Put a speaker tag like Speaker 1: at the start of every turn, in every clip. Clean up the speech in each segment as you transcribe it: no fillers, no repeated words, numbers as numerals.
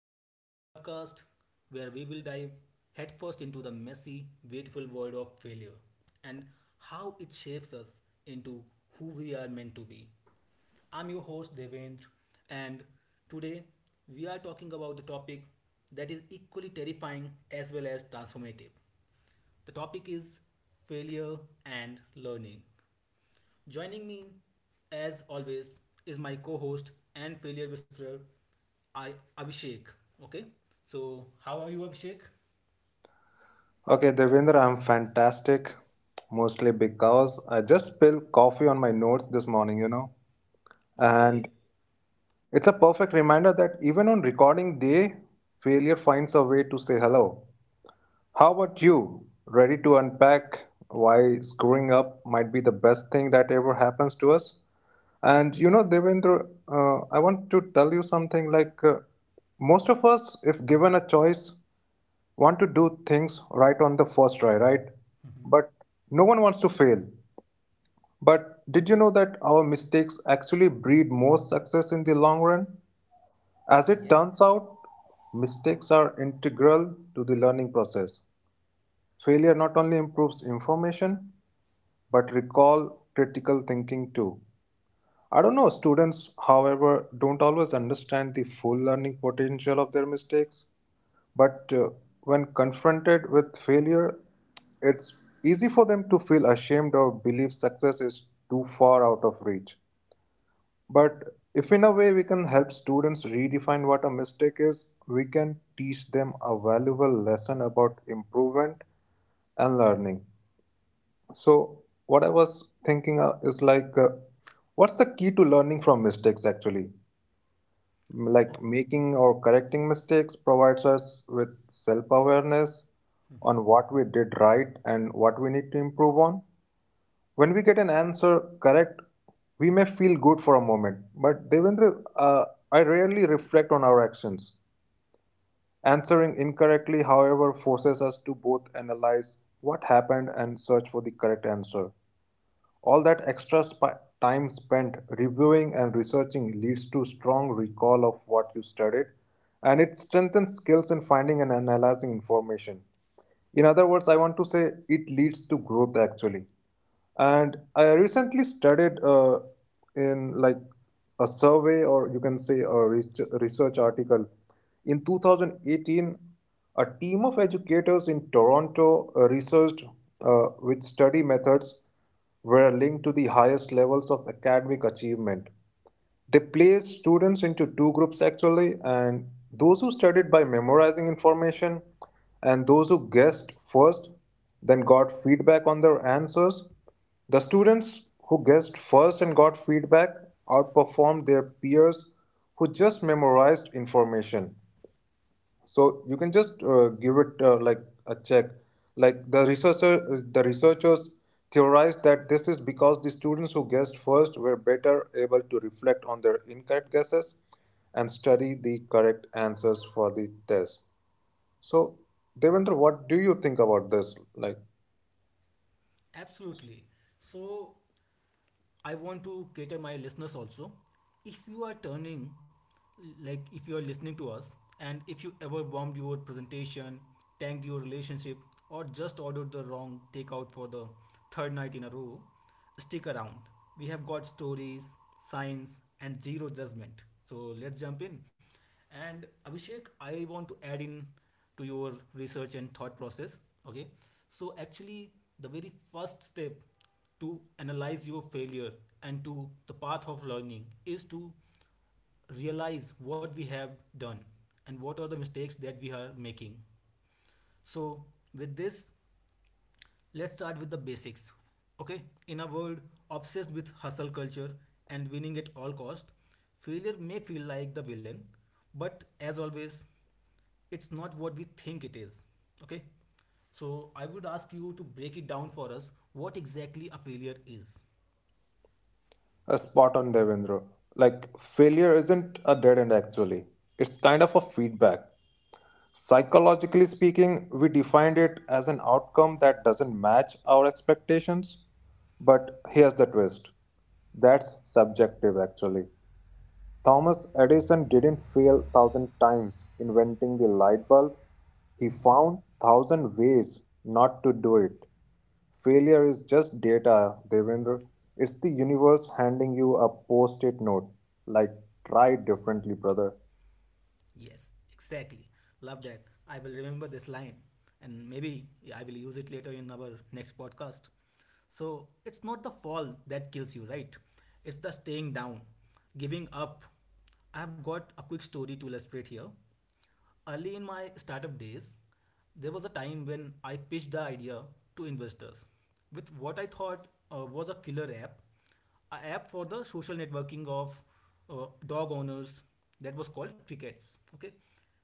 Speaker 1: Welcome to the podcast where we will dive headfirst into the messy, beautiful world of failure and how it shapes us into who we are meant to be. I'm your host, Devendra, and today we are talking about the topic that is equally terrifying as well as transformative. The topic is failure and learning. Joining me, as always, is my co-host and failure whisperer, I Abhishek. Okay, so how are you, Abhishek?
Speaker 2: Okay, Devendra, I'm fantastic. Mostly because I just spilled coffee on my notes this morning.
Speaker 1: Okay.
Speaker 2: And it's a perfect reminder that even on recording day, failure finds a way to say hello. How about you? Ready to unpack why screwing up might be the best thing that ever happens to us? And Devendra, I want to tell you something like most of us, if given a choice, want to do things right on the first try, right?
Speaker 1: Mm-hmm.
Speaker 2: But no one wants to fail. But did you know that our mistakes actually breed more success in the long run? As
Speaker 1: Yeah.
Speaker 2: it turns out, mistakes are integral to the learning process. Failure not only improves information but recall critical thinking too. I don't know, students, however, don't always understand the full learning potential of their mistakes. But when confronted with failure, it's easy for them to feel ashamed or believe success is too far out of reach. But if in a way we can help students redefine what a mistake is, we can teach them a valuable lesson about improvement and learning. So, what I was thinking is like, what's the key to learning from mistakes actually?
Speaker 1: Oh.
Speaker 2: Like, making or correcting mistakes provides us with self-awareness
Speaker 1: Mm-hmm.
Speaker 2: on what we did right and what we need to improve on. When we get an answer correct, we may feel good for a moment, but Devendra, I rarely reflect on our actions. Answering incorrectly, however, forces us to both analyze what happened and search for the correct answer. All that time spent reviewing and researching leads to strong recall of what you studied, and it strengthens skills in finding and analyzing information. In other words, I want to say it leads to growth actually. And I recently studied in like a survey, or you can say a research article in 2018, a team of educators in Toronto researched which study methods were linked to the highest levels of academic achievement. They place students into two groups actually, and those who studied by memorizing information, and those who guessed first, then got feedback on their answers. The students who guessed first and got feedback outperformed their peers who just memorized information. So you can just give it like a check. Like the researchers theorized that this is because the students who guessed first were better able to reflect on their incorrect guesses and study the correct answers for the test. So Devendra, what do you think about this? Like,
Speaker 1: Absolutely. So, I want to cater my listeners also. If you are turning, like if you are listening to us, and if you ever bombed your presentation, tanked your relationship, or just ordered the wrong takeout for the third night in a row, stick around. We have got stories, science, and zero judgment. So let's jump in. And Abhishek, I want to add in to your research and thought process, okay, so actually the very first step to analyze your failure and to the path of learning is to realize what we have done and what are the mistakes that we are making. So with this, let's start with the basics. Okay, in a world obsessed with hustle culture and winning at all cost, failure may feel like the villain, but as always, it's not what we think it is. Okay? So I would ask you to break it down for us what exactly a failure is.
Speaker 2: a spot on, Devendra. Like, failure isn't a dead end actually, it's kind of a feedback. Psychologically speaking, we defined it as an outcome that doesn't match our expectations. But here's the twist: that's subjective, actually. Thomas Edison didn't fail thousand times inventing the light bulb, he
Speaker 1: Mhm.
Speaker 2: found thousand ways not to do it. Failure is just data, Devendra. It's the universe handing you a post it note. Like, try differently, brother.
Speaker 1: Yes, exactly. Love that. I will remember this line and maybe I will use it later in our next podcast. So it's not the fall that kills you, right? It's the staying down, giving up. I've got a quick story to illustrate here. Early in my startup days, there was a time when I pitched the idea to investors with what I thought was a killer app, a app for the social networking of dog owners that was called Crickets. Okay,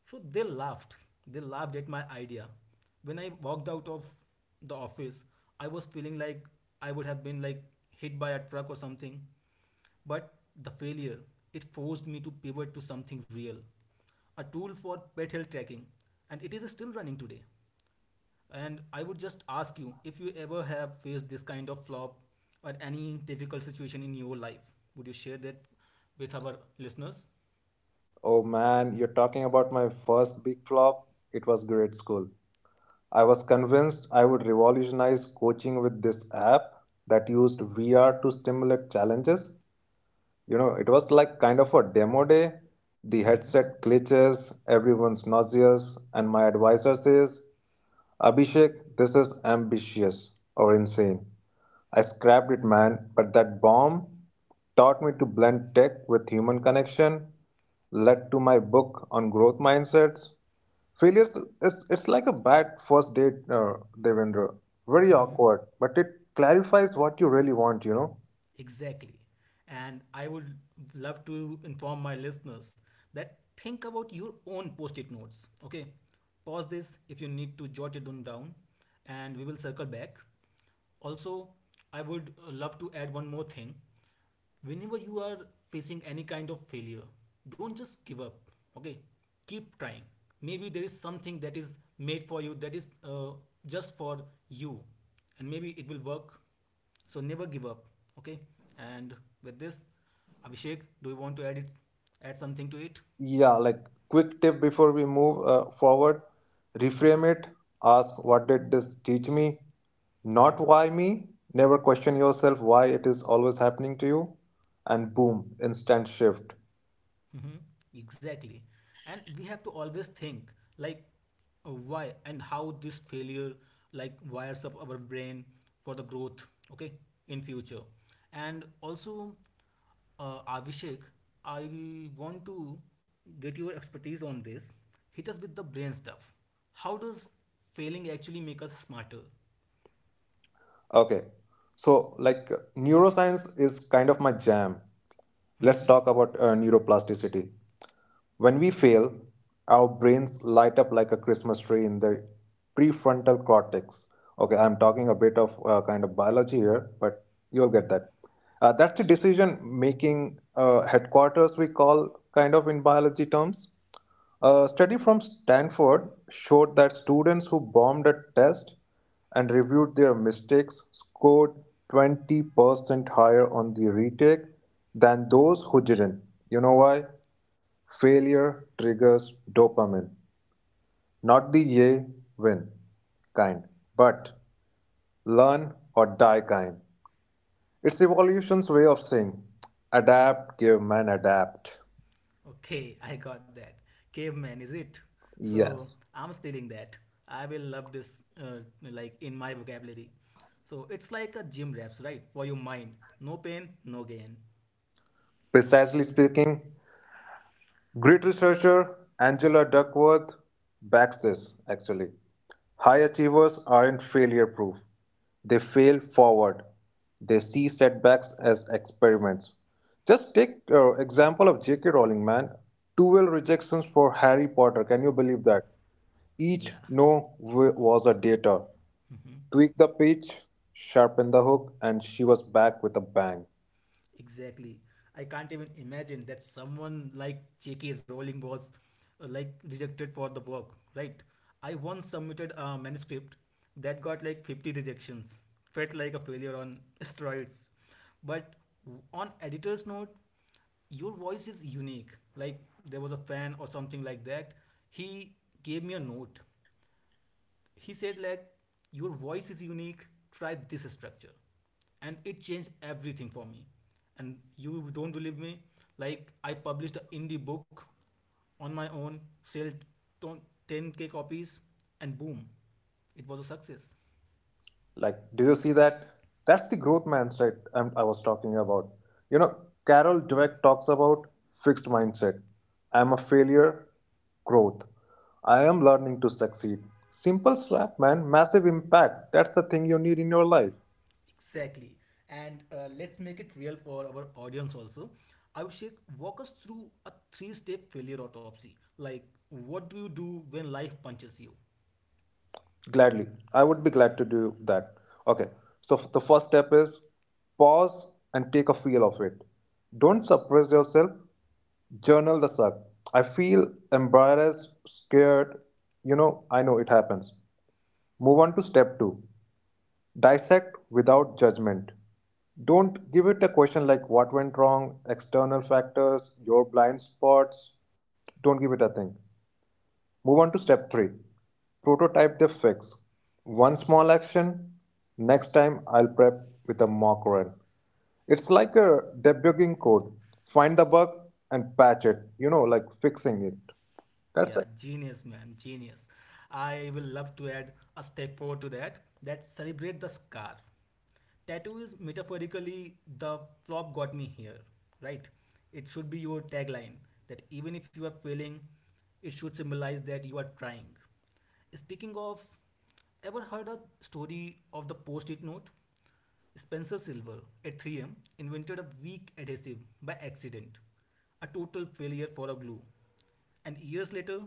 Speaker 1: so they laughed. They laughed at my idea. When I walked out of the office, I was feeling like I would have been like hit by a truck or something. But the failure, it forced me to pivot to something real, a tool for pet health tracking, and it is still running today. And I would just ask you if you ever have faced this kind of flop or any difficult situation in your life, would you share that with our listeners?
Speaker 2: Oh man, you're talking about my first big flop. It was grade school. I was convinced I would revolutionize coaching with this app that used VR to stimulate challenges. You know, it was like kind of a demo day. The
Speaker 1: Mm-hmm.
Speaker 2: headset glitches, everyone's nauseous, and my advisor says, Abhishek, this is ambitious or insane. I scrapped it, man, but that bomb taught me to blend tech with human connection, led to my book on growth mindsets. Failures, it's like a bad first date, Devendra. Very
Speaker 1: Mm-hmm.
Speaker 2: awkward, but it clarifies what you really want, you know?
Speaker 1: Exactly. And I would love to inform my listeners that think about your own post it notes. Okay. Pause this if you need to jot it on down, and we will circle back. Also, I would love to add one more thing whenever you are facing any kind of failure, don't just give up, okay, keep trying. Maybe there is something that is made for you that is just for you, and maybe it will work. So never give up, okay. And with this, Abhishek, do you want to add it, add something to it?
Speaker 2: Yeah, like, quick tip before we move forward. Reframe it. Ask what did this teach me, not why me. Never question yourself why it is always happening to you, and boom, instant shift.
Speaker 1: Mhm, exactly. And we have to always think, like why and how this failure like wires up our brain for the growth, okay, in future. And also, Abhishek, I want to get your expertise on this. Hit us with the brain stuff. How does failing actually make us smarter?
Speaker 2: Okay, so like, neuroscience is kind of my jam. Let's talk about neuroplasticity. When we fail, our brains light up like a Christmas tree in the prefrontal cortex. Okay, I'm talking a bit of kind of biology here, but you'll get that. That's the decision making headquarters, we call kind of in biology terms. A study from Stanford showed that students who bombed a test and reviewed their mistakes scored 20% higher on the retake than those who didn't. You know why? Failure triggers dopamine, not the yay win kind, but learn or die kind. It's evolution's way of saying adapt, give man adapt.
Speaker 1: Okay, I got that. Caveman, is it? So
Speaker 2: Yes.
Speaker 1: I'm stealing that. I will love this, like in my vocabulary. So it's like a gym reps, right? For your mind. No pain, no gain.
Speaker 2: Precisely speaking, great researcher Angela Duckworth backs this, actually. High achievers aren't failure proof, they fail forward. They see setbacks as experiments. Just take example of J.K. Rowling, man. 12 rejections for Harry Potter. Can you believe that?
Speaker 1: Yeah.
Speaker 2: Each no w- was a data.
Speaker 1: Mhm.
Speaker 2: Tweak the pitch, sharpen the hook, and she was back with a bang.
Speaker 1: Exactly. I can't even imagine that someone like J.K. Rowling was like rejected for the work, right? I once submitted a manuscript that got like 50 rejections. Felt like a failure on steroids. But on editor's note, your voice is unique. Like there was a fan or something like that. He gave me a note. He said like your voice is unique. Try this structure, and it changed everything for me. And you don't believe me? Like I published an indie book on my own, sold ton- 10K copies, and boom, it was a success.
Speaker 2: Like, do you see that? That's the growth mindset I was talking about. You know, Carol Dweck talks about fixed mindset. I'm a failure, growth. I am learning to succeed. Simple swap, man. Massive impact. That's the thing you need in your life.
Speaker 1: Exactly. And let's make it real for our audience also. Abhishek, walk us through a three step failure autopsy. Like, what do you do when life punches you?
Speaker 2: Gladly. I would be glad to do that. Okay. So the first step is pause and take a feel of it. Don't suppress yourself. Journal the suck. I feel embarrassed, scared. You know, I know it happens. Move on to step two, dissect without judgment. Don't give it a question like what went wrong, external factors, your blind spots. Don't give it a thing. Move on to step three, prototype the fix. One small action, next time I'll prep with a mock run. It's like a debugging code. Find the bug and patch it, you know, like fixing it.
Speaker 1: Yeah,
Speaker 2: That's it.
Speaker 1: genius, man, genius. I will love to add a step four to that. That celebrate the scar. Tattoo is metaphorically the flop got me here, right? It should be your tagline that even if you are failing, it should symbolize that you are trying. Speaking of, ever heard a story of the post-it note? Spencer Silver at 3M invented a weak adhesive by accident, a total failure for a glue. And years later,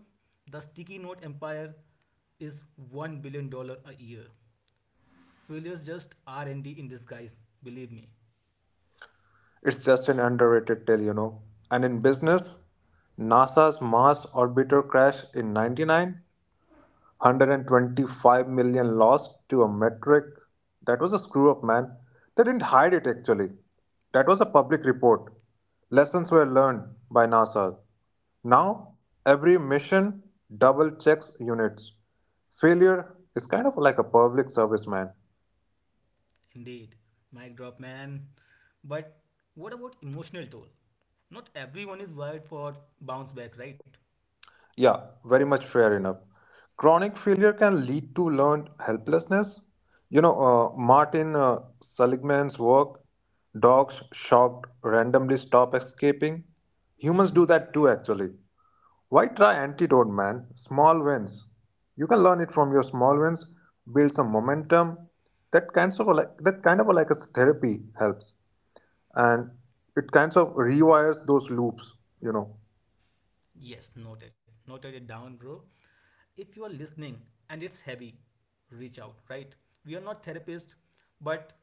Speaker 1: the sticky note empire is $1 billion dollars a year. Failures just R&D in disguise, believe me.
Speaker 2: It's just an underrated tale, you know. And in business, NASA's Mars orbiter crash in 99, 125 million lost to a metric. That was a screw up, man. They didn't hide it actually. That was a public report. Lessons were learned by NASA. Now, every mission double checks units. Failure is kind of like a public service, man.
Speaker 1: Indeed, mic drop man. But what about emotional toll? Not everyone is wired for bounce back, right?
Speaker 2: Yeah, very much fair enough. Chronic failure can lead to learned helplessness. You know, Martin Seligman's work, dogs shocked randomly stop escaping. Humans do that too, actually. Why try antidote, man? Small wins. You can learn it from your small wins, build some momentum. That kind of like a therapy helps, and it kind of rewires those loops. You know.
Speaker 1: Yes, noted. Noted it down, bro. If you are listening and it's heavy, reach out, right? We are not therapists, but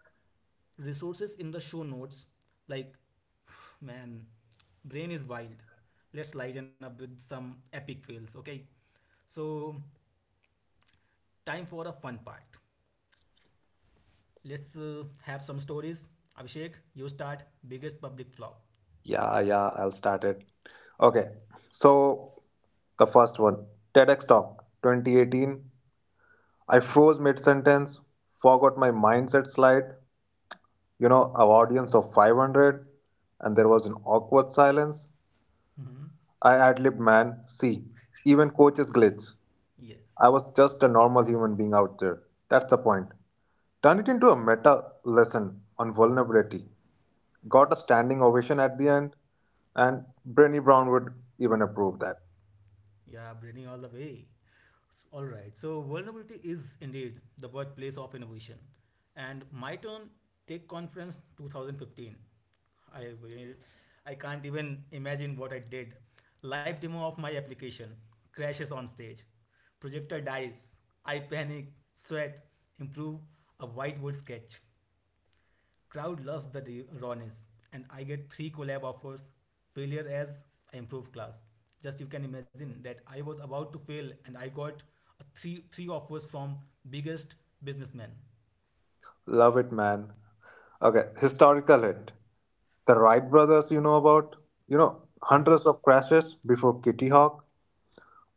Speaker 1: resources in the show notes, like, man, brain is wild. Let's lighten up with some epic fails, okay? So, time for a fun part. Let's have some stories. Abhishek, you start. Biggest public flop.
Speaker 2: Yeah, yeah, I'll start it. Okay, so the first one, TEDx Talk 2018. I froze mid sentence, forgot my mindset slide, you know, an audience of 500, and there was an awkward silence.
Speaker 1: Hmm.
Speaker 2: I ad lib man, see, even coaches glitch.
Speaker 1: Yes.
Speaker 2: I was just a normal human being out there. That's the point. Turn it into a meta lesson on vulnerability. Got a standing ovation at the end, and Brenny Brown would even approve that.
Speaker 1: Yeah, bringing all the way. All right. So vulnerability is indeed the workplace of innovation. And my turn, Tech Conference 2015. I will- I can't even imagine what I did. Live demo of my application crashes on stage. Projector dies. I panic, sweat, improve a whiteboard sketch. Crowd loves the rawness, and I get three collab offers. Failure as I improve class. Just you can imagine that I was about to fail, and I got a three offers from biggest businessman.
Speaker 2: Love it, man. Okay, historical hit. The Wright brothers, you know about? You know,
Speaker 1: Mhm.
Speaker 2: hundreds of crashes before Kitty Hawk.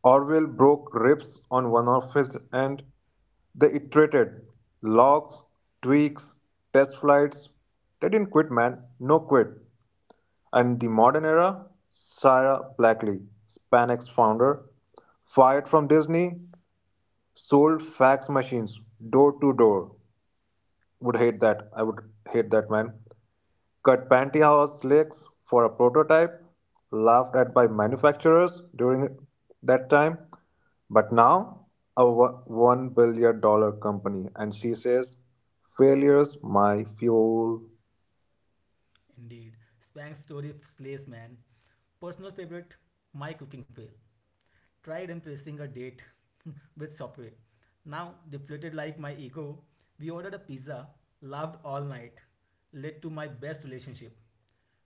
Speaker 2: Orville broke ribs on one of his end. They iterated. Logs, tweaks, test flights. They didn't quit, man. No quit. And the modern era, Sarah Blackley, SpanX founder, fired from Disney, sold fax machines door to door. Would hate that. I would hate that man. Cut pantyhose legs for a prototype. Laughed at by manufacturers during that time. But now a $1 billion company, and she says, "Failures my fuel."
Speaker 1: Indeed, Spang story slays man. Personal favorite, my cooking fail. Tried impressing a date with Subway. Now deflated like my ego, we ordered a pizza, laughed all night, led to my best relationship.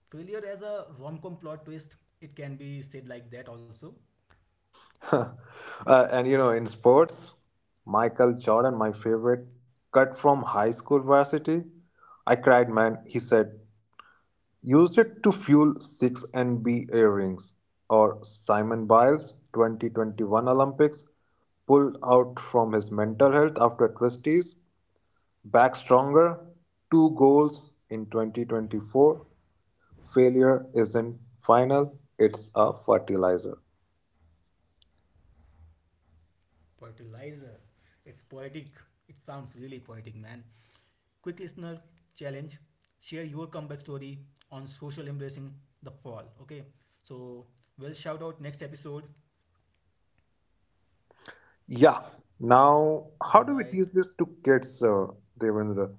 Speaker 1: Failure as a rom com plot twist, it can be said like that also.
Speaker 2: And you know, in sports, Michael Jordan, my favorite, cut from high school varsity. I cried, man. He said, use it to fuel 6 NBA rings. Or Simon Biles 2021 Olympics, pulled out from his mental health after twisties, back stronger, two goals in 2024. Failure isn't final, it's a fertilizer.
Speaker 1: Fertilizer. It's poetic. It sounds really poetic, man. Quick listener challenge, share your comeback story on social embracing the fall. Okay, so we'll shout out next episode.
Speaker 2: Yeah. Now,
Speaker 1: All
Speaker 2: how do
Speaker 1: right.
Speaker 2: we teach this to kids, Devendra?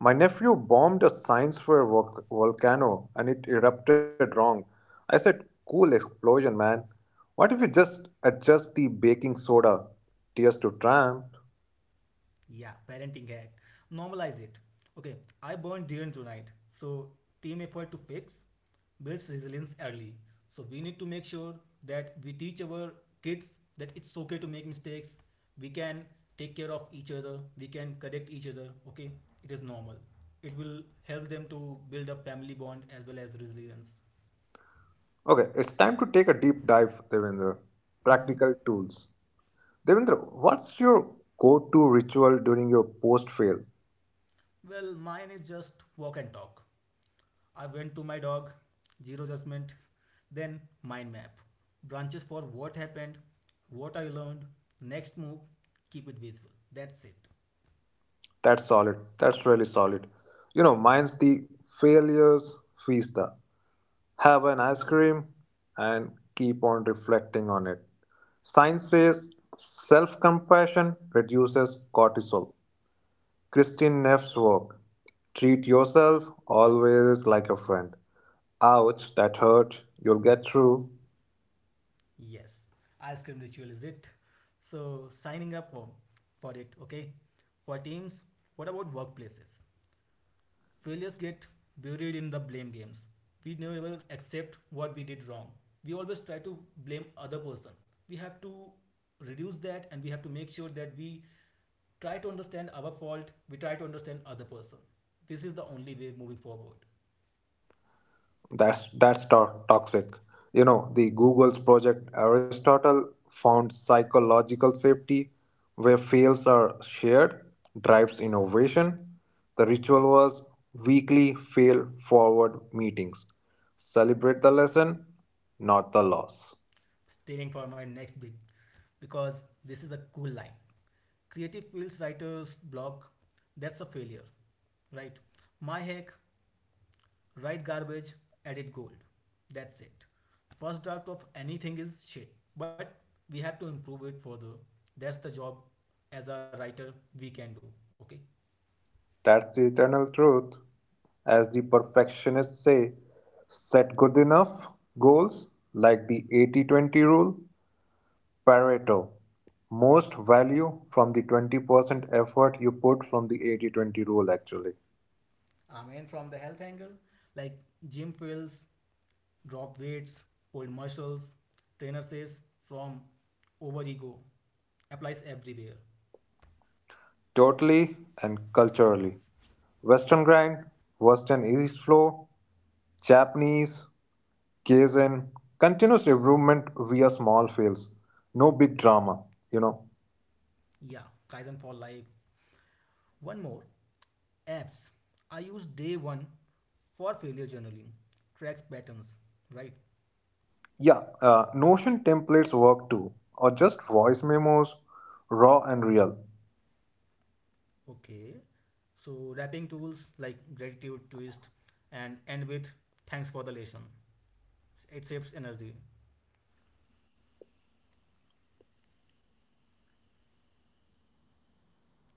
Speaker 2: My nephew bombed a science fair volcano and it erupted wrong. I said, cool explosion, man. What if we just adjust the baking soda? Tears to tramp.
Speaker 1: Yeah, parenting hack. Normalize it. Okay, I burned during tonight. So team effort to fix builds resilience early. So we need to make sure that we teach our kids that it's okay to make mistakes. We can take care of each other. We can correct each other. Okay, it is normal. It will help them to build a family bond as well as resilience.
Speaker 2: Okay, it's time to take a deep dive, Devendra.
Speaker 1: Mhm.
Speaker 2: Practical tools. Devendra, what's your go to ritual during your post fail?
Speaker 1: Well, mine is just walk and talk. I went to my dog, zero judgment, then mind map. Branches for what happened, what I learned, next move, keep it visual. That's it.
Speaker 2: That's solid. That's really solid. You know, mine's the failures fiesta. Have an ice cream, and keep on reflecting on it. Science says self compassion reduces cortisol. Christine Neff's work, treat yourself always like a friend. Ouch, that hurt, you'll get through.
Speaker 1: Yes, ice cream ritual is it. So signing up for it, okay? For teams, what about workplaces? Failures get buried in the blame games. We never accept what we did wrong. We always try to blame other person. We have to reduce that and we have to make sure that we try to understand our fault, we try to understand other person. This is the only way moving forward.
Speaker 2: Toxic. You know, the Google's project Aristotle found psychological safety where fails are shared drives innovation. The ritual was weekly fail forward meetings. Celebrate the lesson, not the loss.
Speaker 1: Staying for my next bit because this is a cool line. Creative fields writers blog, that's a failure, right? My hack, write garbage, edit gold. That's it. First draft of anything is shit, but we have to improve it further. That's the job as a writer we can do. Okay.
Speaker 2: That's the eternal truth. As the perfectionists say, set good enough goals, like the 80/20 rule. Pareto, most value from the 20% effort you put from the 80/20 rule actually.
Speaker 1: I mean, from the health angle, like gym pills, drop weights, pull muscles, trainer says from over ego applies everywhere.
Speaker 2: Totally. And culturally, western grind, western east flow, Japanese kaizen, continuous improvement via small fails, no big drama, you know.
Speaker 1: Yeah, Kaizen for life. One more apps. I use day one for failure journaling, tracks patterns, right?
Speaker 2: Yeah, notion templates work too, or just voice memos, raw and real.
Speaker 1: Okay. So wrapping tools like gratitude, twist, and end with thanks for the lesson. It saves energy.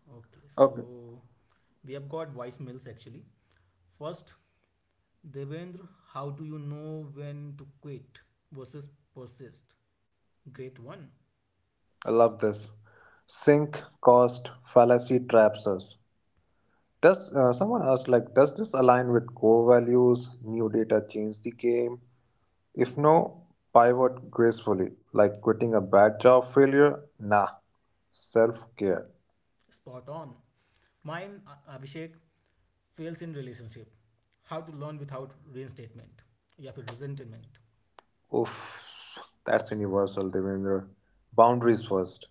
Speaker 1: Okay.
Speaker 2: Okay,
Speaker 1: So we have got voicemails actually. First, Devendra, how do you know when to quit versus persist? Great one.
Speaker 2: I love this. Sync cost fallacy traps us. Does someone asked like, does this align with core values? New data change the game. If no, pivot gracefully, like quitting a bad job failure. Nah, self care.
Speaker 1: Spot on. Mine, Abhishek, fails in relationship. How to learn without reinstatement. Yeah, for resentment.
Speaker 2: Oof, that's universal, Devendra. Boundaries first.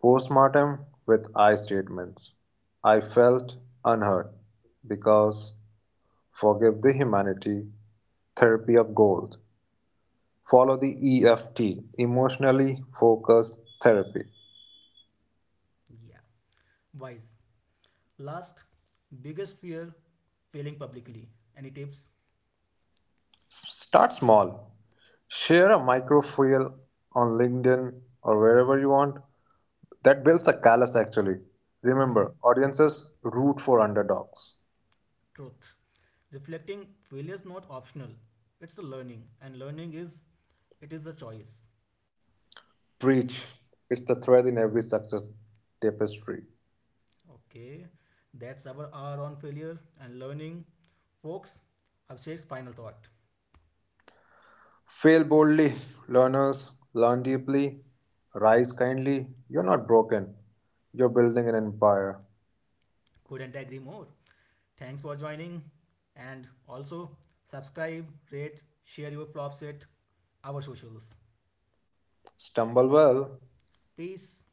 Speaker 2: Postmortem with I statements. I felt unheard because forgive the humanity. Therapy of gold. Follow the EFT, emotionally focused therapy.
Speaker 1: Yeah. Wise. Last, biggest fear failing publicly. Any tips?
Speaker 2: Start small. Share a microfoil on LinkedIn or wherever you want. That builds a callus actually.
Speaker 1: Mhm.
Speaker 2: Remember, audiences root for underdogs.
Speaker 1: Truth. Reflecting failure is not optional. It's a learning, and learning is it is a choice.
Speaker 2: Preach. It's the thread in every success tapestry.
Speaker 1: Okay, that's our hour on failure and learning, folks. Abhishek's final thought.
Speaker 2: Fail boldly, learners. Learn deeply. Rise kindly. You're not broken. You're building an empire.
Speaker 1: Couldn't agree more. Thanks for joining, and also subscribe, rate, share your flop set, our socials.
Speaker 2: Stumble well.
Speaker 1: Peace.